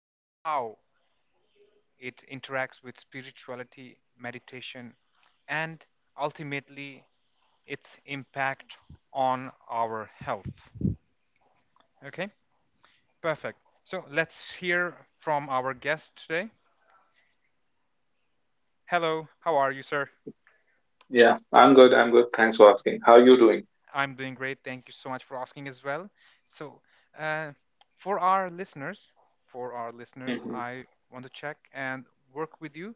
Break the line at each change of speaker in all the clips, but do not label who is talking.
and how it interacts with spirituality, meditation, and ultimately its impact on our health. Okay, perfect. So let's hear from our guest today. Hello, how are you, sir?
Yeah, I'm good. I'm good. Thanks for asking. How are you doing?
I'm doing great. Thank you so much for asking as well. So, uh, for our listeners, for our listeners,
hmm
I want to check and work with you.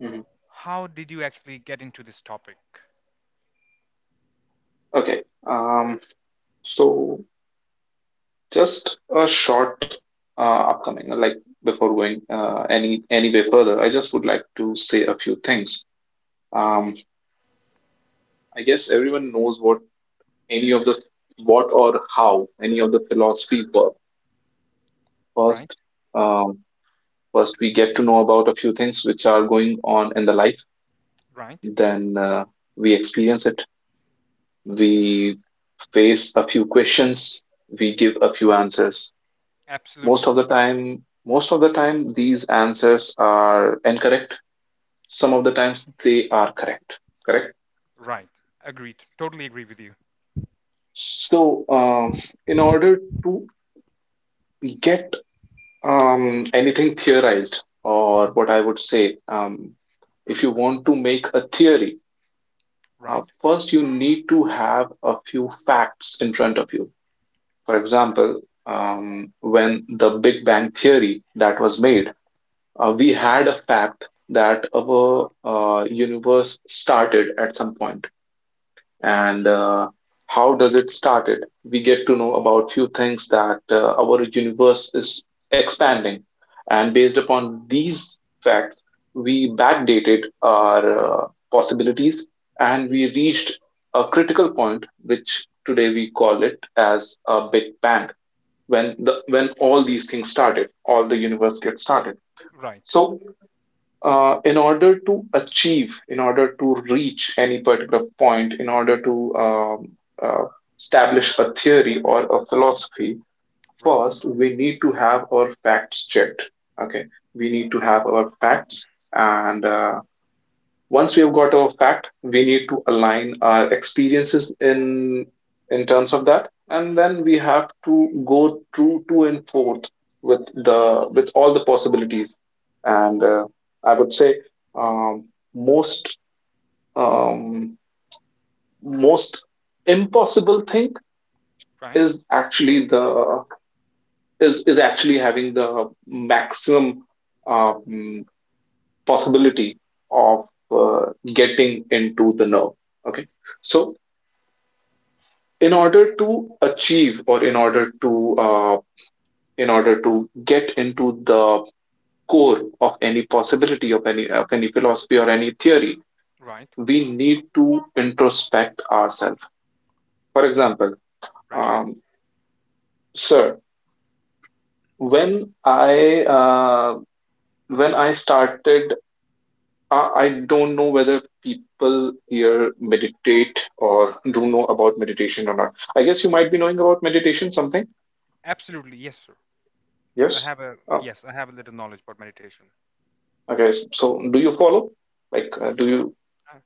hmm
How did you actually get into this topic?
Okay. So just a short uh, upcoming, like before going any way further, I just would like to say a few things. Um, I guess everyone knows what any of the what or how any of the philosophy work.
Right,
First, um, first we get to know about a few things which are going on in the life,
right,
then we experience it. We face a few questions, we give a few answers. Most of
absolutely
the time, most of the time, these answers are incorrect. Some of the times, they are correct. Correct.
right. Agreed. Totally agree with you.
So, in order to get anything theorized, or what I would say, if you want to make a theory,
Right,
first you need to have a few facts in front of you. For example, when the Big Bang theory that was made, we
right,
had a fact that our universe started at some point. And how does it started? We get to know about few things that our universe is expanding, and based upon these facts, we backdated our possibilities, and we reached a critical point, which today we call it as a Big Bang when the when all these things started, all the universe gets started.
right,
So in order to reach any particular point, in order to um, uh, establish a theory or a philosophy,
right,
first we need to have our facts checked. Okay, we need to have our facts, and once we've got a fact, we need to align our experiences in terms of that, and then we have to go through to and forth with the with all the possibilities. And I would say um, most um, most impossible thing
right,
is actually is actually having the maximum um, possibility of getting into the nerve. Okay, so in order to achieve or in order to uh, in order to get into the core of any possibility of any philosophy or any theory,
right,
we need to introspect ourselves. For example,
right.
um, sir, when
Yes, please.
i uh, when I started, I, don't know whether people here meditate or do know about meditation or not. I guess you might be knowing about meditation something.
Absolutely, yes, sir. Yes, I
Yes.
have a
Uh,
yes, I have a little knowledge about meditation.
Okay, so do you follow? Like, do you?
Uh,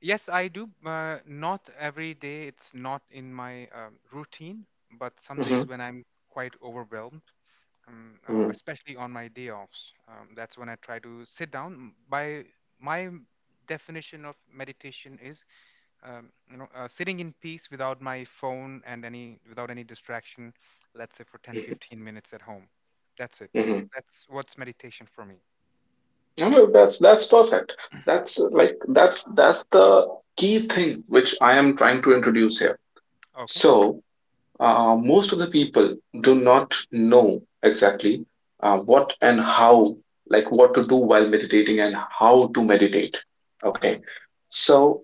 yes, I do. Not every day. It's not in my routine, but some
hmm
days when I'm quite overwhelmed,
hmm
especially on my day offs, that's when I try to sit down. By my definition of meditation is, sitting in peace without my phone and any without any distraction. Let's say for 10, 15 minutes at home. That's it.
hmm
That's what's meditation for me.
No, no, that's perfect. That's like that's the key thing which I am trying to introduce here.
Okay,
So, most of the people do not know exactly what and how, like what to do while meditating and how to meditate. Okay,
Right.
so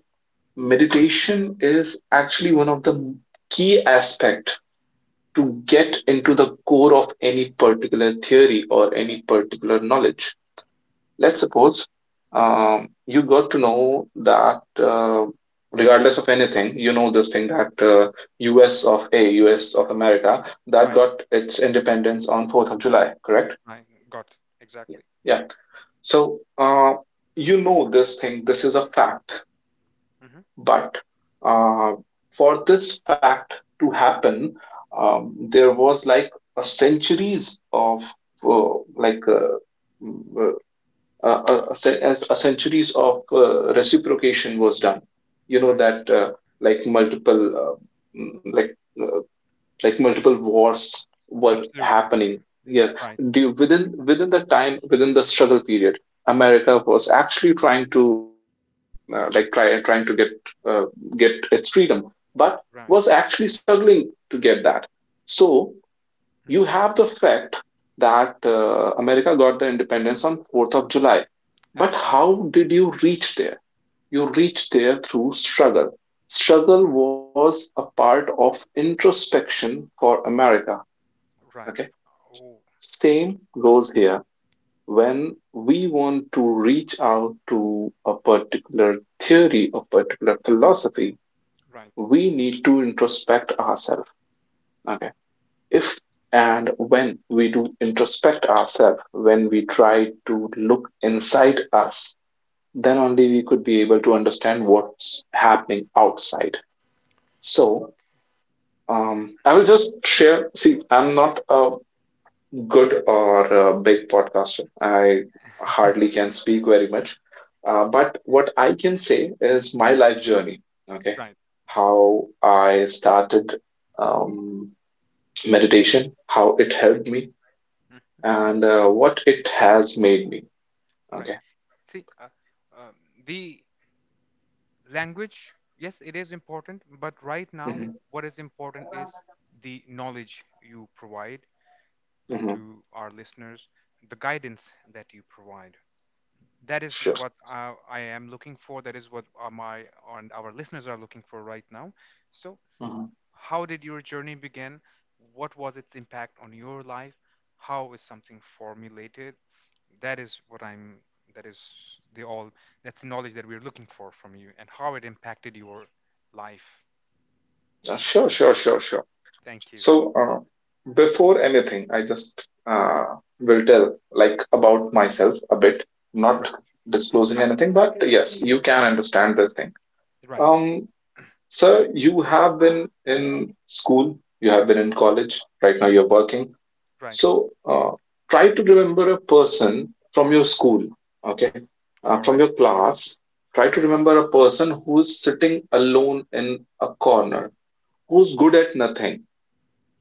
meditation is actually one of the key aspect to get into the core of any particular theory or any particular knowledge. Let's suppose you got to know that, regardless of anything, you know this thing that US of A, US of America, that
Right.
got its independence on 4th of July, correct?
Right. Got it.
Yeah.
Exactly.
Yeah. So you know this thing, this is a fact.
Hmm.
But uh, for this fact to happen, there was like a centuries of uh, like uh, mm, uh, a, a, a centuries of reciprocation was done. You know
Right.
that like multiple uh, mm, like uh, like multiple wars were
Absolutely.
happening. Yeah,
Right.
do
Yes.
within the time, within the struggle period, America was actually trying to uh, trying to uh, get its freedom, but
Right.
was actually struggling to get that. So you
Hmm.
have the fact that America got the independence on 4th of july, but
Absolutely.
how did you reach there? You reach there through struggle. Struggle was a part of introspection for America.
Right. Right.
Okay.
Oh.
Same goes here.
Okay.
When we want to reach out to a particular theory, a particular philosophy,
Right.
we need to introspect ourselves. Okay. If and when we do introspect ourselves, when we try to look inside us, then only we could be able to understand what's happening outside. So I will just share. See, I'm not a good or a big podcaster. I hardly can speak very much. But what I can say is my life journey. Okay.
Right.
How I started um, meditation, how it
Right.
helped me,
Mm.
and what it has made me.
Right.
Okay.
See, um, the language. Yes, it is important, but right now,
hmm
what is important is the knowledge you provide
hmm
to our listeners, the guidance that you provide. That is
Sure.
what I am looking for. That is what my and our listeners are looking for right now. So,
hmm
how did your journey begin? What was its impact on your life? How is something formulated? That is what I'm. That is the all. That's the knowledge that we're looking for from you, and how it impacted your life.
sure.
Thank you.
So, before anything, I just will tell like about myself a bit, not
Right.
disclosing anything, but yes,
Yeah.
you can understand this thing.
Right.
Um, Sir, you have been in school, you have been in college, right now
Yes.
you're working.
Right.
So, try to remember a person from your school, okay,
All
from
right.
your class. Try
Right.
to remember a person who is sitting alone in a corner, who's good at nothing,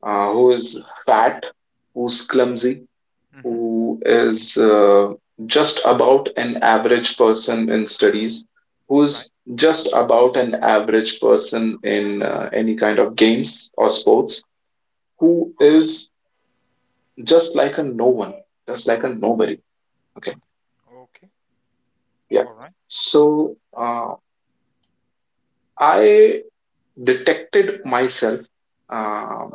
Okay.
who is fat, who's clumsy,
Mm-hmm.
who is just about an average person in studies,
Right.
who's just about an average person in any kind of games or sports, who
All right.
is just like a no one, just like a nobody. Okay,
Okay.
yeah.
All right.
So I detected myself uh,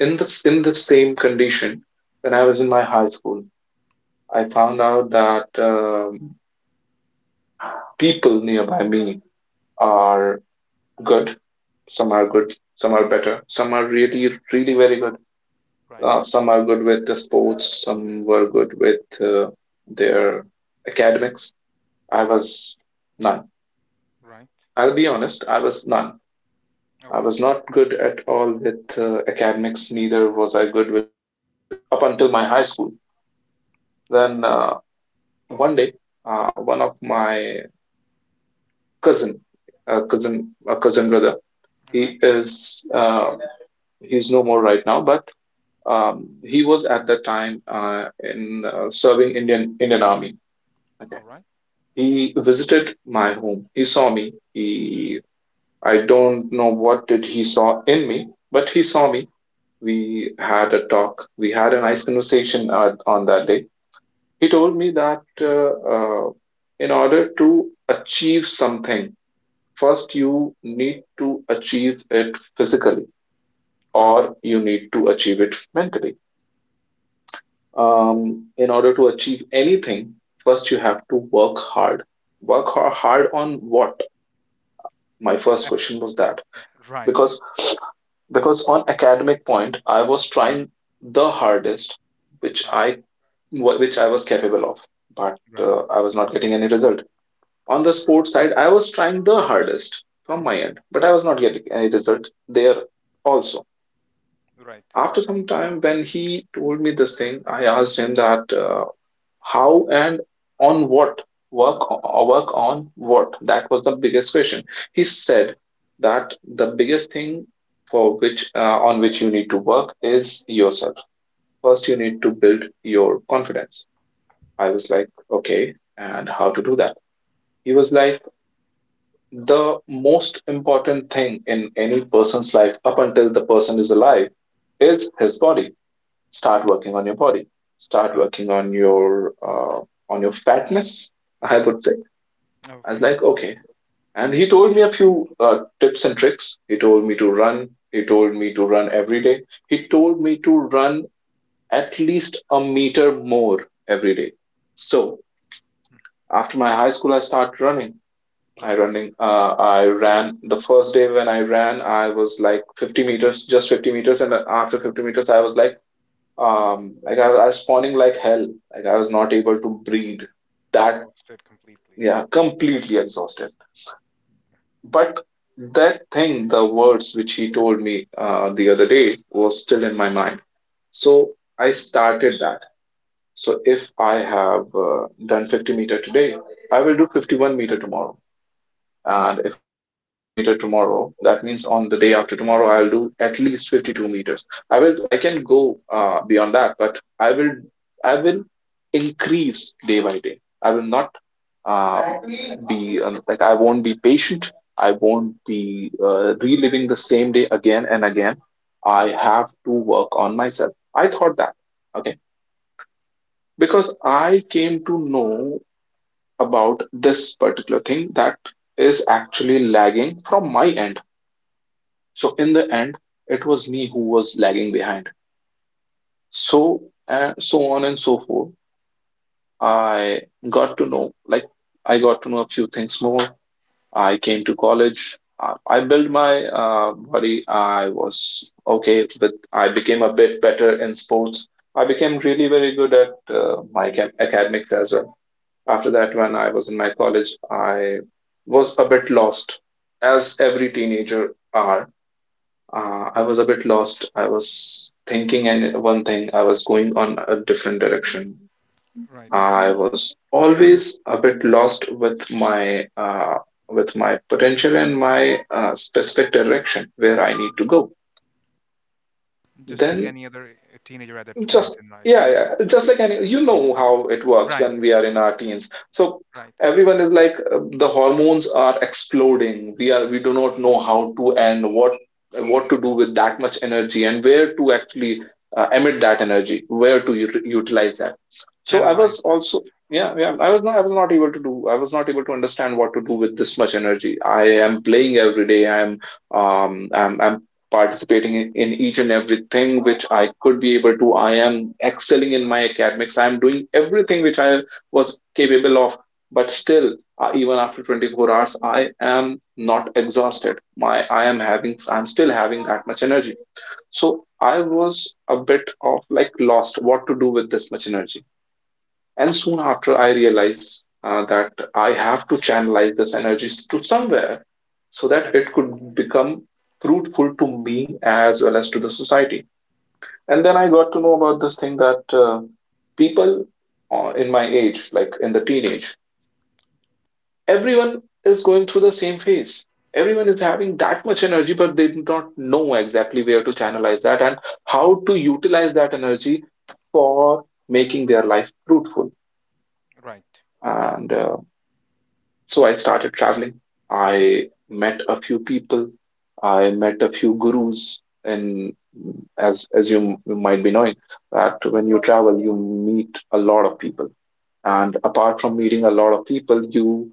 in the same condition when I was in my high school. I found
Okay.
out that people nearby me are good. Some are good, some are better, some are really, really very good.
Right.
Some are good with the sports, some were good with their academics. I was none.
Right.
I'll be honest, I was none. I
Okay.
was not good at all with academics, neither was I good with sports up until my high school.
Cool.
Then one day, one of my cousin, a cousin brother. He
Right.
is he's no more right now, but he was at that time in serving Indian Army. Okay.
All right.
He visited my home. He saw me. He I don't know what did he saw in me, but he saw me. We had a talk. We had a nice conversation on that day. He
Right.
told me that in order to achieve something, first you need to achieve it physically
Right.
or you need to achieve it mentally. In order to achieve anything, first you have to work hard. Work hard on what? My first
Ac-
question was that, because
right.
on academic point, I was trying the hardest which
Right.
which I was capable of, but
Right.
I was not getting any result. On the sports side, I was trying the hardest from my
Mm-hmm.
end, but I was not getting any result there also.
Right.
After some time, when he told me this thing, I asked him that how and on what, work, or work on what. That was the biggest question. He said that the biggest thing for which on which you need to work is yourself. First, you need to build your confidence. I was like, okay, and
Mm-hmm.
how to do that? He was like, the most important thing in any person's life up until the person is alive is his body. Start working on your body. Start
Right.
working on your fatness. I would say. I was
Okay.
like, okay. And he told me a few tips and tricks. He told me to run. He told me to run every day. He told me to run at least a meter more every day. So
Mm.
after my high school, I started running. I
Right.
running. Uh, I ran. The first day when I ran, I was like 50 meters, just 50 meters, and then after 50 meters, I was like I was spawning like hell, like I was not able to breathe that
Exhausted completely.
Yeah, completely exhausted.
Oh,
But that thing, the words which he told me the other day, was still in my mind. So I started that. So if I have done 50 meter today, I will do 51 meter tomorrow. And if I've done 51 meter tomorrow, that means on the day after tomorrow, I'll do at least 52 meters. I will, I can go beyond that, but I will increase day by day. I will not uh, be like I won't be patient. I won't be reliving the same day again and again. I have to work on myself. I thought that okay, because I came to know about this particular thing that is actually lagging from my end. So in the end, it was me who was lagging behind. So so on and so forth, I got to know like I got to know a few things more. I came to college, I built my body. I was okay with, I became a bit better in sports. I became really very good at my academics as well. After that, when I was in my college, I was a bit lost, as every teenager are. I was a bit lost. I was thinking and one thing, I was going on a different direction.
right.
I was always a bit lost with my potential and my specific direction where I need
Mm.
to go.
Just like
Then.
any other teenager at that point
Just
in life.
yeah, yeah, just like any you know how it works
Right.
when we are in our teens, so
Right.
everyone is like the hormones are exploding. We do not know how to and what to do with that much energy and where to actually emit that energy, where to utilize that, so I was
Channelize that.
also yeah, yeah, I was not able to do. I was not able to understand what to do with this much energy. I am playing every day. I'm participating in each and everything which I could be able to. I am excelling in my academics. I am doing everything which I was capable of. But still, even after 24 hours, I am not exhausted. My I am having I'm still having that much energy. So I was a bit of like lost what to do with this much energy. And soon after, I realized that I have to channelize this energy to somewhere so that it
Absolutely
could become fruitful to me as well as to the society. And then I
right.
got to know about this thing that people, in my age, like in the teenage, everyone is going through the same phase. Everyone is having that much energy, but they do not know exactly where to channelize that and how to utilize that energy for making their life fruitful.
Right.
And So I started traveling.
Mm-hmm.
I met a few people. I met a few gurus. And as you might be knowing, that when you travel, you meet a lot of people. And apart from meeting a lot of people, you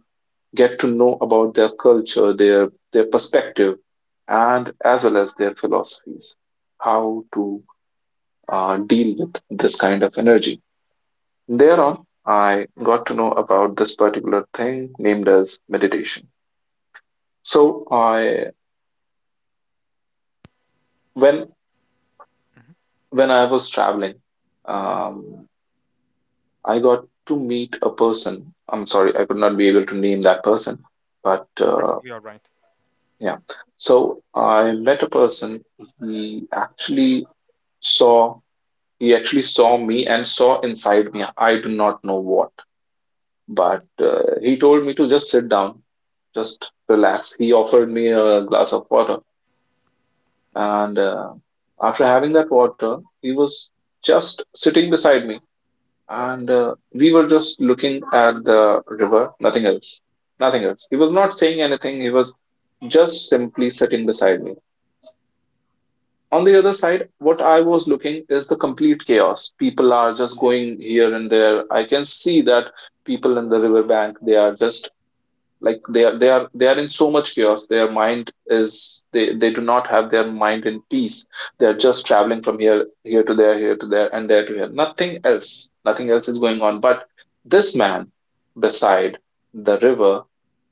get to know about their culture, their perspective, and as well as their philosophies, how to deal with this kind of energy. Thereon, I got to know about this particular thing named as meditation. So I when
Mm-hmm.
when I was traveling,
Right.
um, I got to meet a person. I'm sorry, I could not be able to name that person, but
It's perfectly all right.
yeah. So I met a person. He actually saw he actually saw me and saw inside me. I do not know what, but he told me to just sit down, just relax. He offered me a glass of water.
Oh.
And After having that water, he was just sitting beside me, and we were just looking at the river, nothing else,
Mm-hmm.
nothing else. He was not saying anything, he was just simply sitting beside me. On the other side, what I was looking is the complete chaos. People are just going here and there. I can see that people in the riverbank, they are just like they are in so much chaos. Their mind is They do not have their mind in peace. They are just traveling from here to there, here to there, and there to here. Nothing else, nothing else is going on, but this man beside the river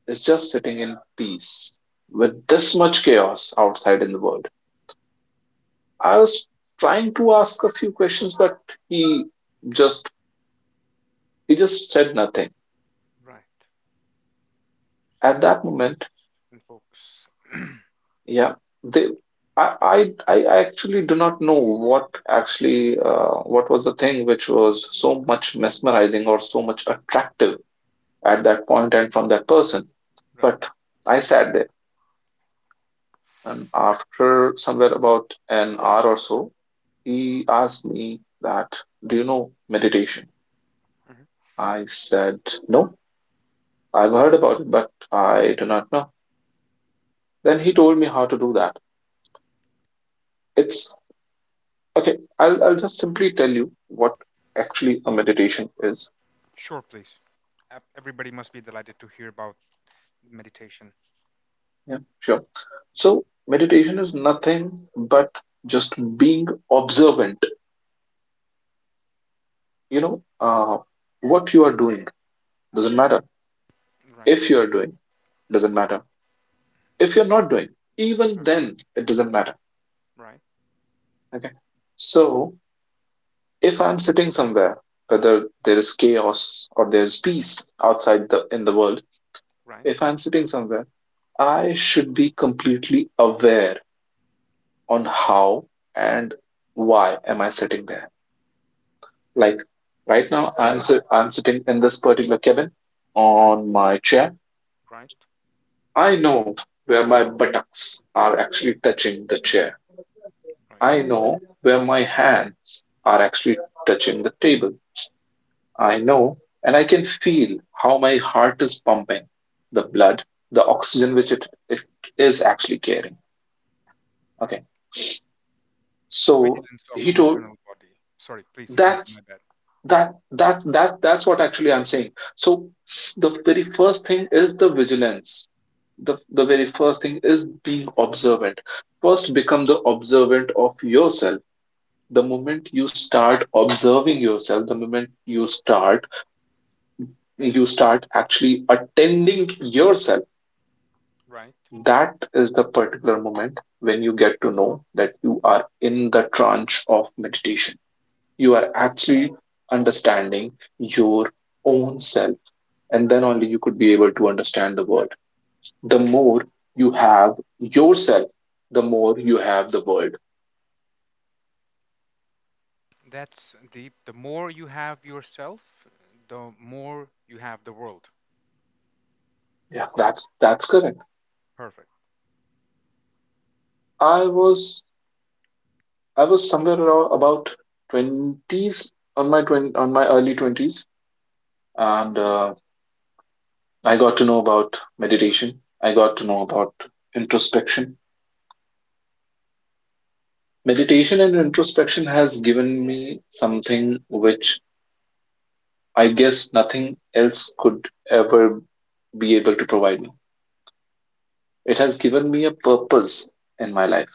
is just sitting in peace, with this much chaos outside in the world. I was trying to ask a few questions, but he just he just said nothing
Right.
at
Such
that
peace
moment.
and focus.
Yeah, they, I actually do not know what was the thing which was so much mesmerizing or so much attractive at that point and from that person.
Right.
But I sat there, and after somewhere about an hour or so, he asked me that, "Do you know meditation?"
Mm-hmm.
I said, "No, I've heard about it, but I do not know." Then he told me how to do that. It's Okay, I'll just simply tell you what actually a meditation is.
Sure, please. Everybody must be delighted to hear about meditation.
Yeah, sure. So, meditation is nothing but just being observant. You know, uh, what you are doing doesn't matter.
Right,
If you are doing, doesn't matter. If you're not doing, even
uh,
then, it doesn't matter.
right,
Okay. So, if I'm sitting somewhere, whether there is chaos or there is peace outside the in the world,
right,
if I'm sitting somewhere, I should be completely aware on how and why am I sitting there. Like right now, I'm sitting in this particular cabin
right,
on my chair.
right,
I know where my buttocks are actually touching the chair.
right,
I know where my hands are actually touching the table. I know, and I can feel how my heart is pumping, the blood, the oxygen which it is actually carrying.
right.
Okay. So
Vigilance of
he
the
told
internal body. Sorry, please go ahead.
that's
My bad.
that that's what actually I'm saying. So, the very first thing is the vigilance. The very first thing is being observant. First become the observant of yourself. The moment you start observing yourself, the moment you start actually attending yourself,
Right.
that is the particular moment when you get to know that you are in the tranche of meditation. You are actually understanding your own self, and then only you could be able to understand the world. The more you have yourself, the more you have the world.
That's deep. The more you have yourself, the more you have the world.
Yeah, that's correct.
Perfect.
I was I was somewhere around about twenties on my on my early twenties, and I got to know about meditation. I got to know about introspection. Meditation and introspection has given me something which I guess nothing else could ever be able to provide me. It has given me a purpose in my life.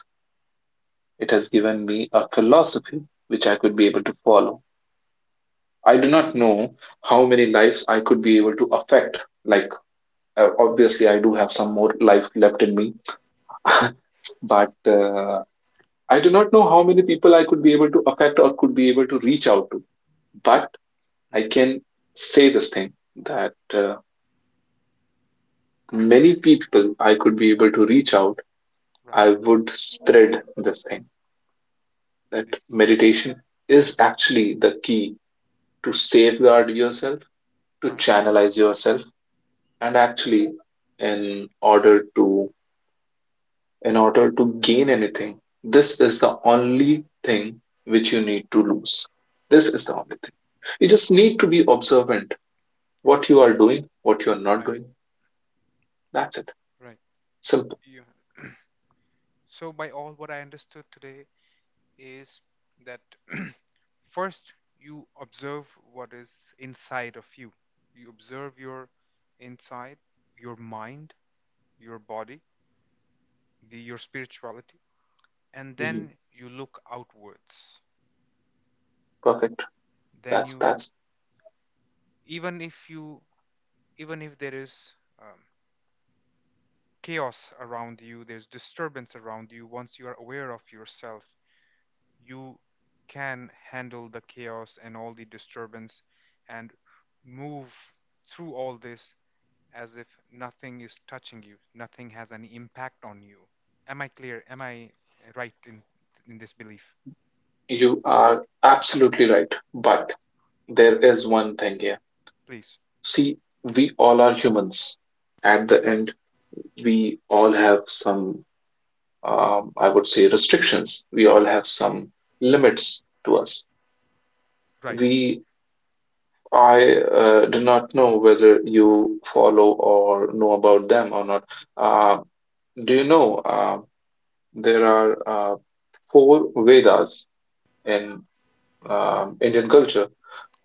It has given me a philosophy which I could be able to follow. I do not know how many lives I could be able to affect. Like, obviously, I do have some more life left in me, but I do not know how many people I could be able to affect or could be able to reach out to. But I
Hmm.
can say this thing that many people I could be able to reach out,
Right.
I would spread this thing that
This.
meditation is actually the key to safeguard yourself, to
Right.
channelize yourself, and actually, in order to in order to gain anything, this is the only thing which you need to lose. This is the only thing. You just need to be observant. What you are doing, what you are not
Right.
doing. That's it.
Right.
Simple.
You. So, by all what I understood today is that first you observe what is inside of you. You observe your inside, your mind, your body, your spirituality, and
Mhm.
then you look outwards.
Perfect.
then
That's
you
that's.
even if you even if there is um, chaos around you, there's disturbance around you. Once you are aware of yourself, you can handle the chaos and all the disturbance and move through all this as if nothing is touching you, nothing has any impact on you. Am I clear? Am I right in this belief?
You are absolutely right. But there
Right.
is one thing here.
Please.
See, we all are humans. At the end, we all have some I would say, restrictions. We all have some limits to us.
Right.
We, I do not know whether you follow or know about them or not. Uh, do you know there are four Vedas in Indian culture?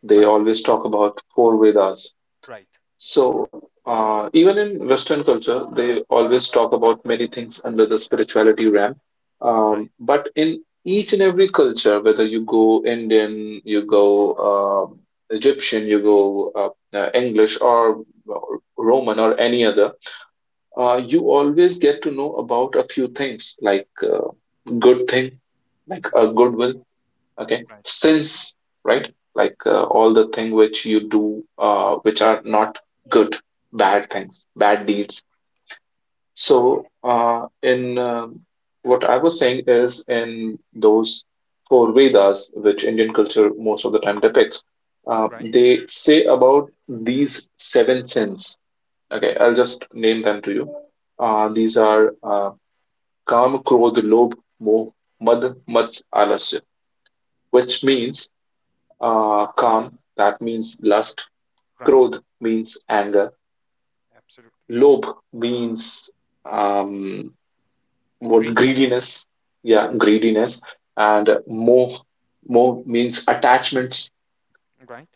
They
Right.
always talk about four Vedas.
Right.
So, even in Western culture, they always talk about many things under the spirituality realm.
Right,
But in each and every culture, whether you go Indian, you go um Egyptian, you go English or Roman or any other, you always get to know about a few things like good thing, like a
right,
goodwill. Okay,
right,
sins, right, like all the thing which you do, which are not good, bad things, bad deeds. So, uh, in what I was saying is in those four Vedas, which Indian culture most of the time depicts, uh,
right.
they say about these seven sins. Okay, I'll just name them to you. These are uh,
Please,
kam krodh lobh moh mad mats alasya, which
right,
means Kam, that means lust.
right.
Krodh means anger.
Absolutely.
Lob means um, what,
Greed,
greediness. Yeah, greediness. And moh means attachments.
right,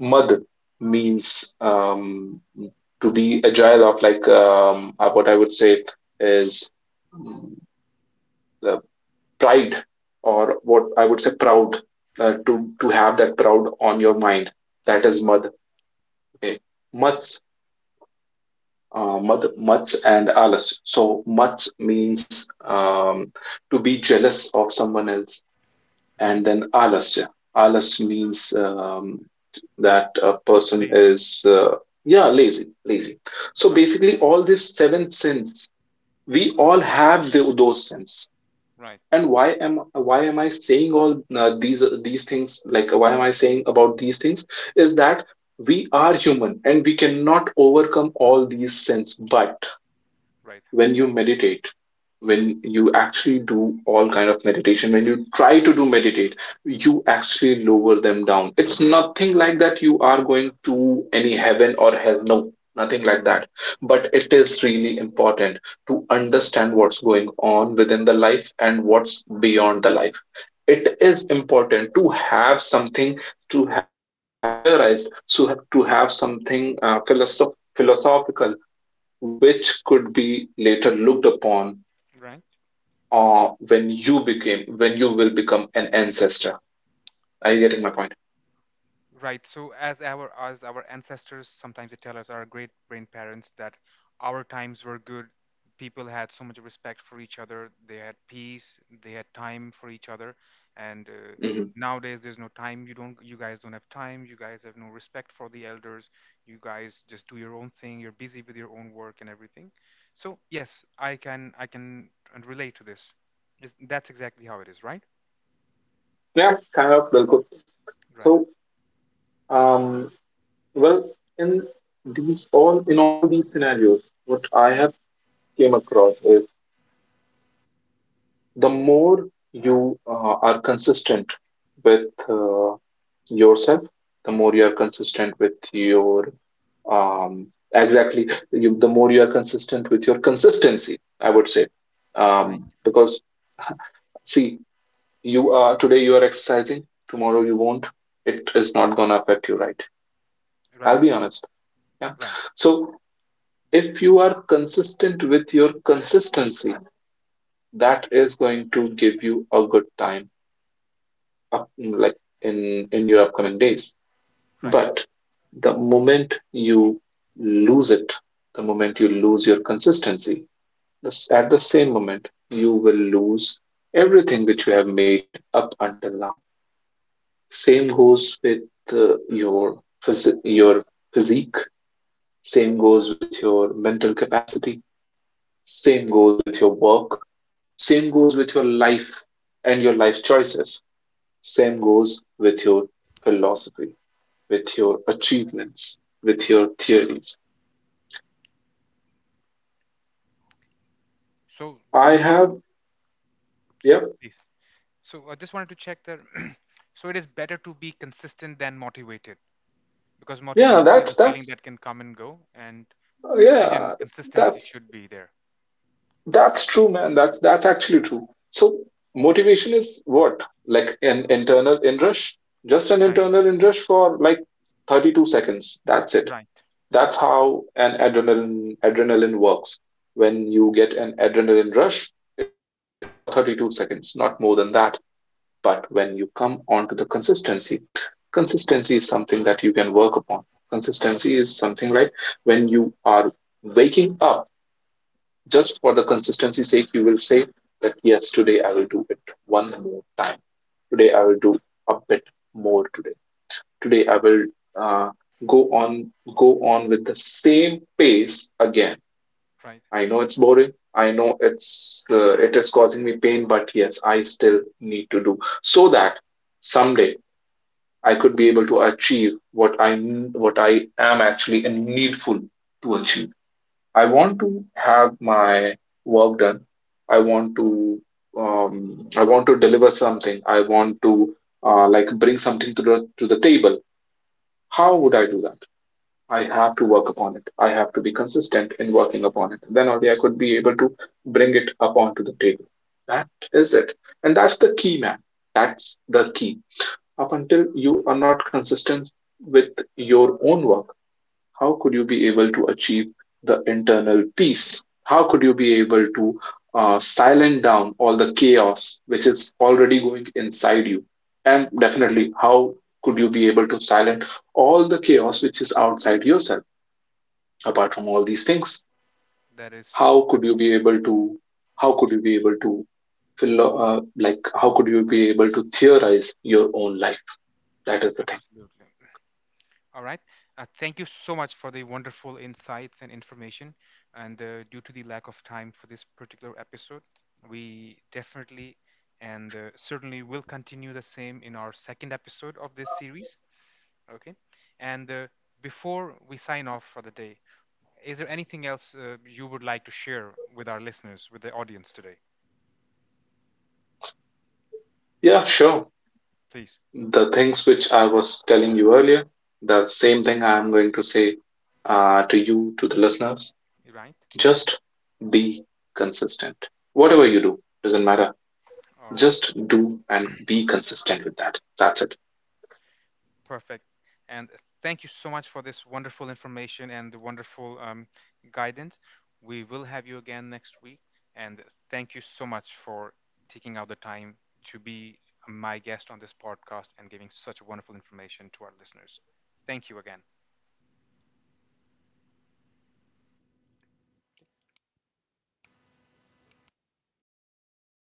Mad means to be agile of, like, what I would say is, mm, uh, pride, or what I would say proud,
right,
to have that proud on your mind. That is
right,
mad. Okay. mats Mats and Alice. So Mats means to be jealous of someone else, and
right.
then Alice. Alice means that a person
Lazy,
is yeah, lazy, lazy. So
right,
basically, all these seven sins, we all have those sins.
right,
And why am I saying all these things? Like why am I saying about these things? Is that we are human and we cannot overcome all these sins, but
right,
when you meditate, when you actually do all kind of meditation, when you try to do meditate, you actually lower them down. It's nothing like that you are going to any heaven or hell, no, nothing like
right,
that, but it is really important to understand what's going on within the life and what's beyond the life. It is important to have something, to have something theorized, so to have something philosophical which could be later looked upon
right.
when you will become an ancestor. Are you getting my point?
Right. So as our ancestors sometimes they tell us, our great grandparents, that our times were good. People had so much respect for each other. They had peace. They had time for each other. And
Hmm.
nowadays there's no time. You don't. You guys don't have time. You guys have no respect for the elders. You guys just do your own thing. You're busy with your own work and everything. So yes, I can relate to this. That's exactly how it is, right?
Yeah, kind of. Well, good.
Right.
so um well in these all, in all these scenarios what I have came across is, the more you are consistent with yourself, the more you are consistent with your um, exactly you, the more you are consistent with your consistency, I would say.
Right.
Because see, you are today, you are exercising, tomorrow you won't. It is not gonna affect you, right? I'll
Right.
be honest. Yeah.
Right.
So if you are consistent with your consistency, that is going to give you a good time up, like in your upcoming days.
Right.
But the moment you lose it, the moment you lose your consistency, this- at the same moment, you will lose everything which you have made up until now. Same goes with your physique. Same goes with your mental capacity. Same goes with your work. Same goes with your life and your life choices. Same goes with your philosophy, with your achievements, with your
Right.
theories.
So do
I
not,
have,
sorry,
yep,
please. So I just wanted to check that. So it is better to be consistent than motivated, because
yeah,
motivation is a
that's
feeling
that's
that can come and go, and decision
yeah,
consistency
that's
should be there.
that's true, man. That's actually true. So motivation is what? Like an internal inrush, just an
Right,
internal inrush for like 32 seconds. That's it.
right,
That's how an adrenaline works. When you get an adrenaline rush, it is there for 32 seconds, not more than that. But when you come onto the consistency, consistency is something that you can work upon. Consistency is something like, when you are waking up, just for the consistency sake, you will say that yes, today I will do it one more time. Today I will do a bit more today. Today I will uh, go on go on with the same pace again.
right.
I know it's boring. I know it's it is causing me pain, but yes, I still need to do, so that someday I could be able to achieve what I, what I am actually and needful to achieve. I want to have my work done. I want to, um, I want to deliver something. I want to like bring something to the table. How would I do that? I have to work upon it. I have to be consistent in working upon it. Then only I could be able to bring it upon to the table. That is it, and that's the key, man. That's the key. Up until you are not consistent with your own work, how could you be able to achieve the internal peace? How could you be able to silence down all the chaos which is already going inside you? And definitely, how could you be able to silence all the chaos which is outside yourself? Apart from all these things,
That is
how could you be
absolutely,
able to? How could you be able to? Like, how could you be able to theorize your own life? That is the thing.
absolutely. All right. Thank you so much for the wonderful insights and information. And due to the lack of time for this particular episode, we definitely and certainly will continue the same in our second episode of this series. Okay. And before we sign off for the day, is there anything else you would like to share with our listeners, with the audience today?
Yeah, sure.
Please.
The things which I was telling you earlier, the same thing I am going to say to you, to the listeners.
Right?
Just be consistent. Whatever you do, doesn't matter.
Or
Just do and be consistent with that. That's it.
perfect. And thank you so much for this wonderful information and the wonderful guidance. We will have you again next week. And thank you so much for taking out the time to be my guest on this podcast and giving such wonderful information to our listeners. Thank you again.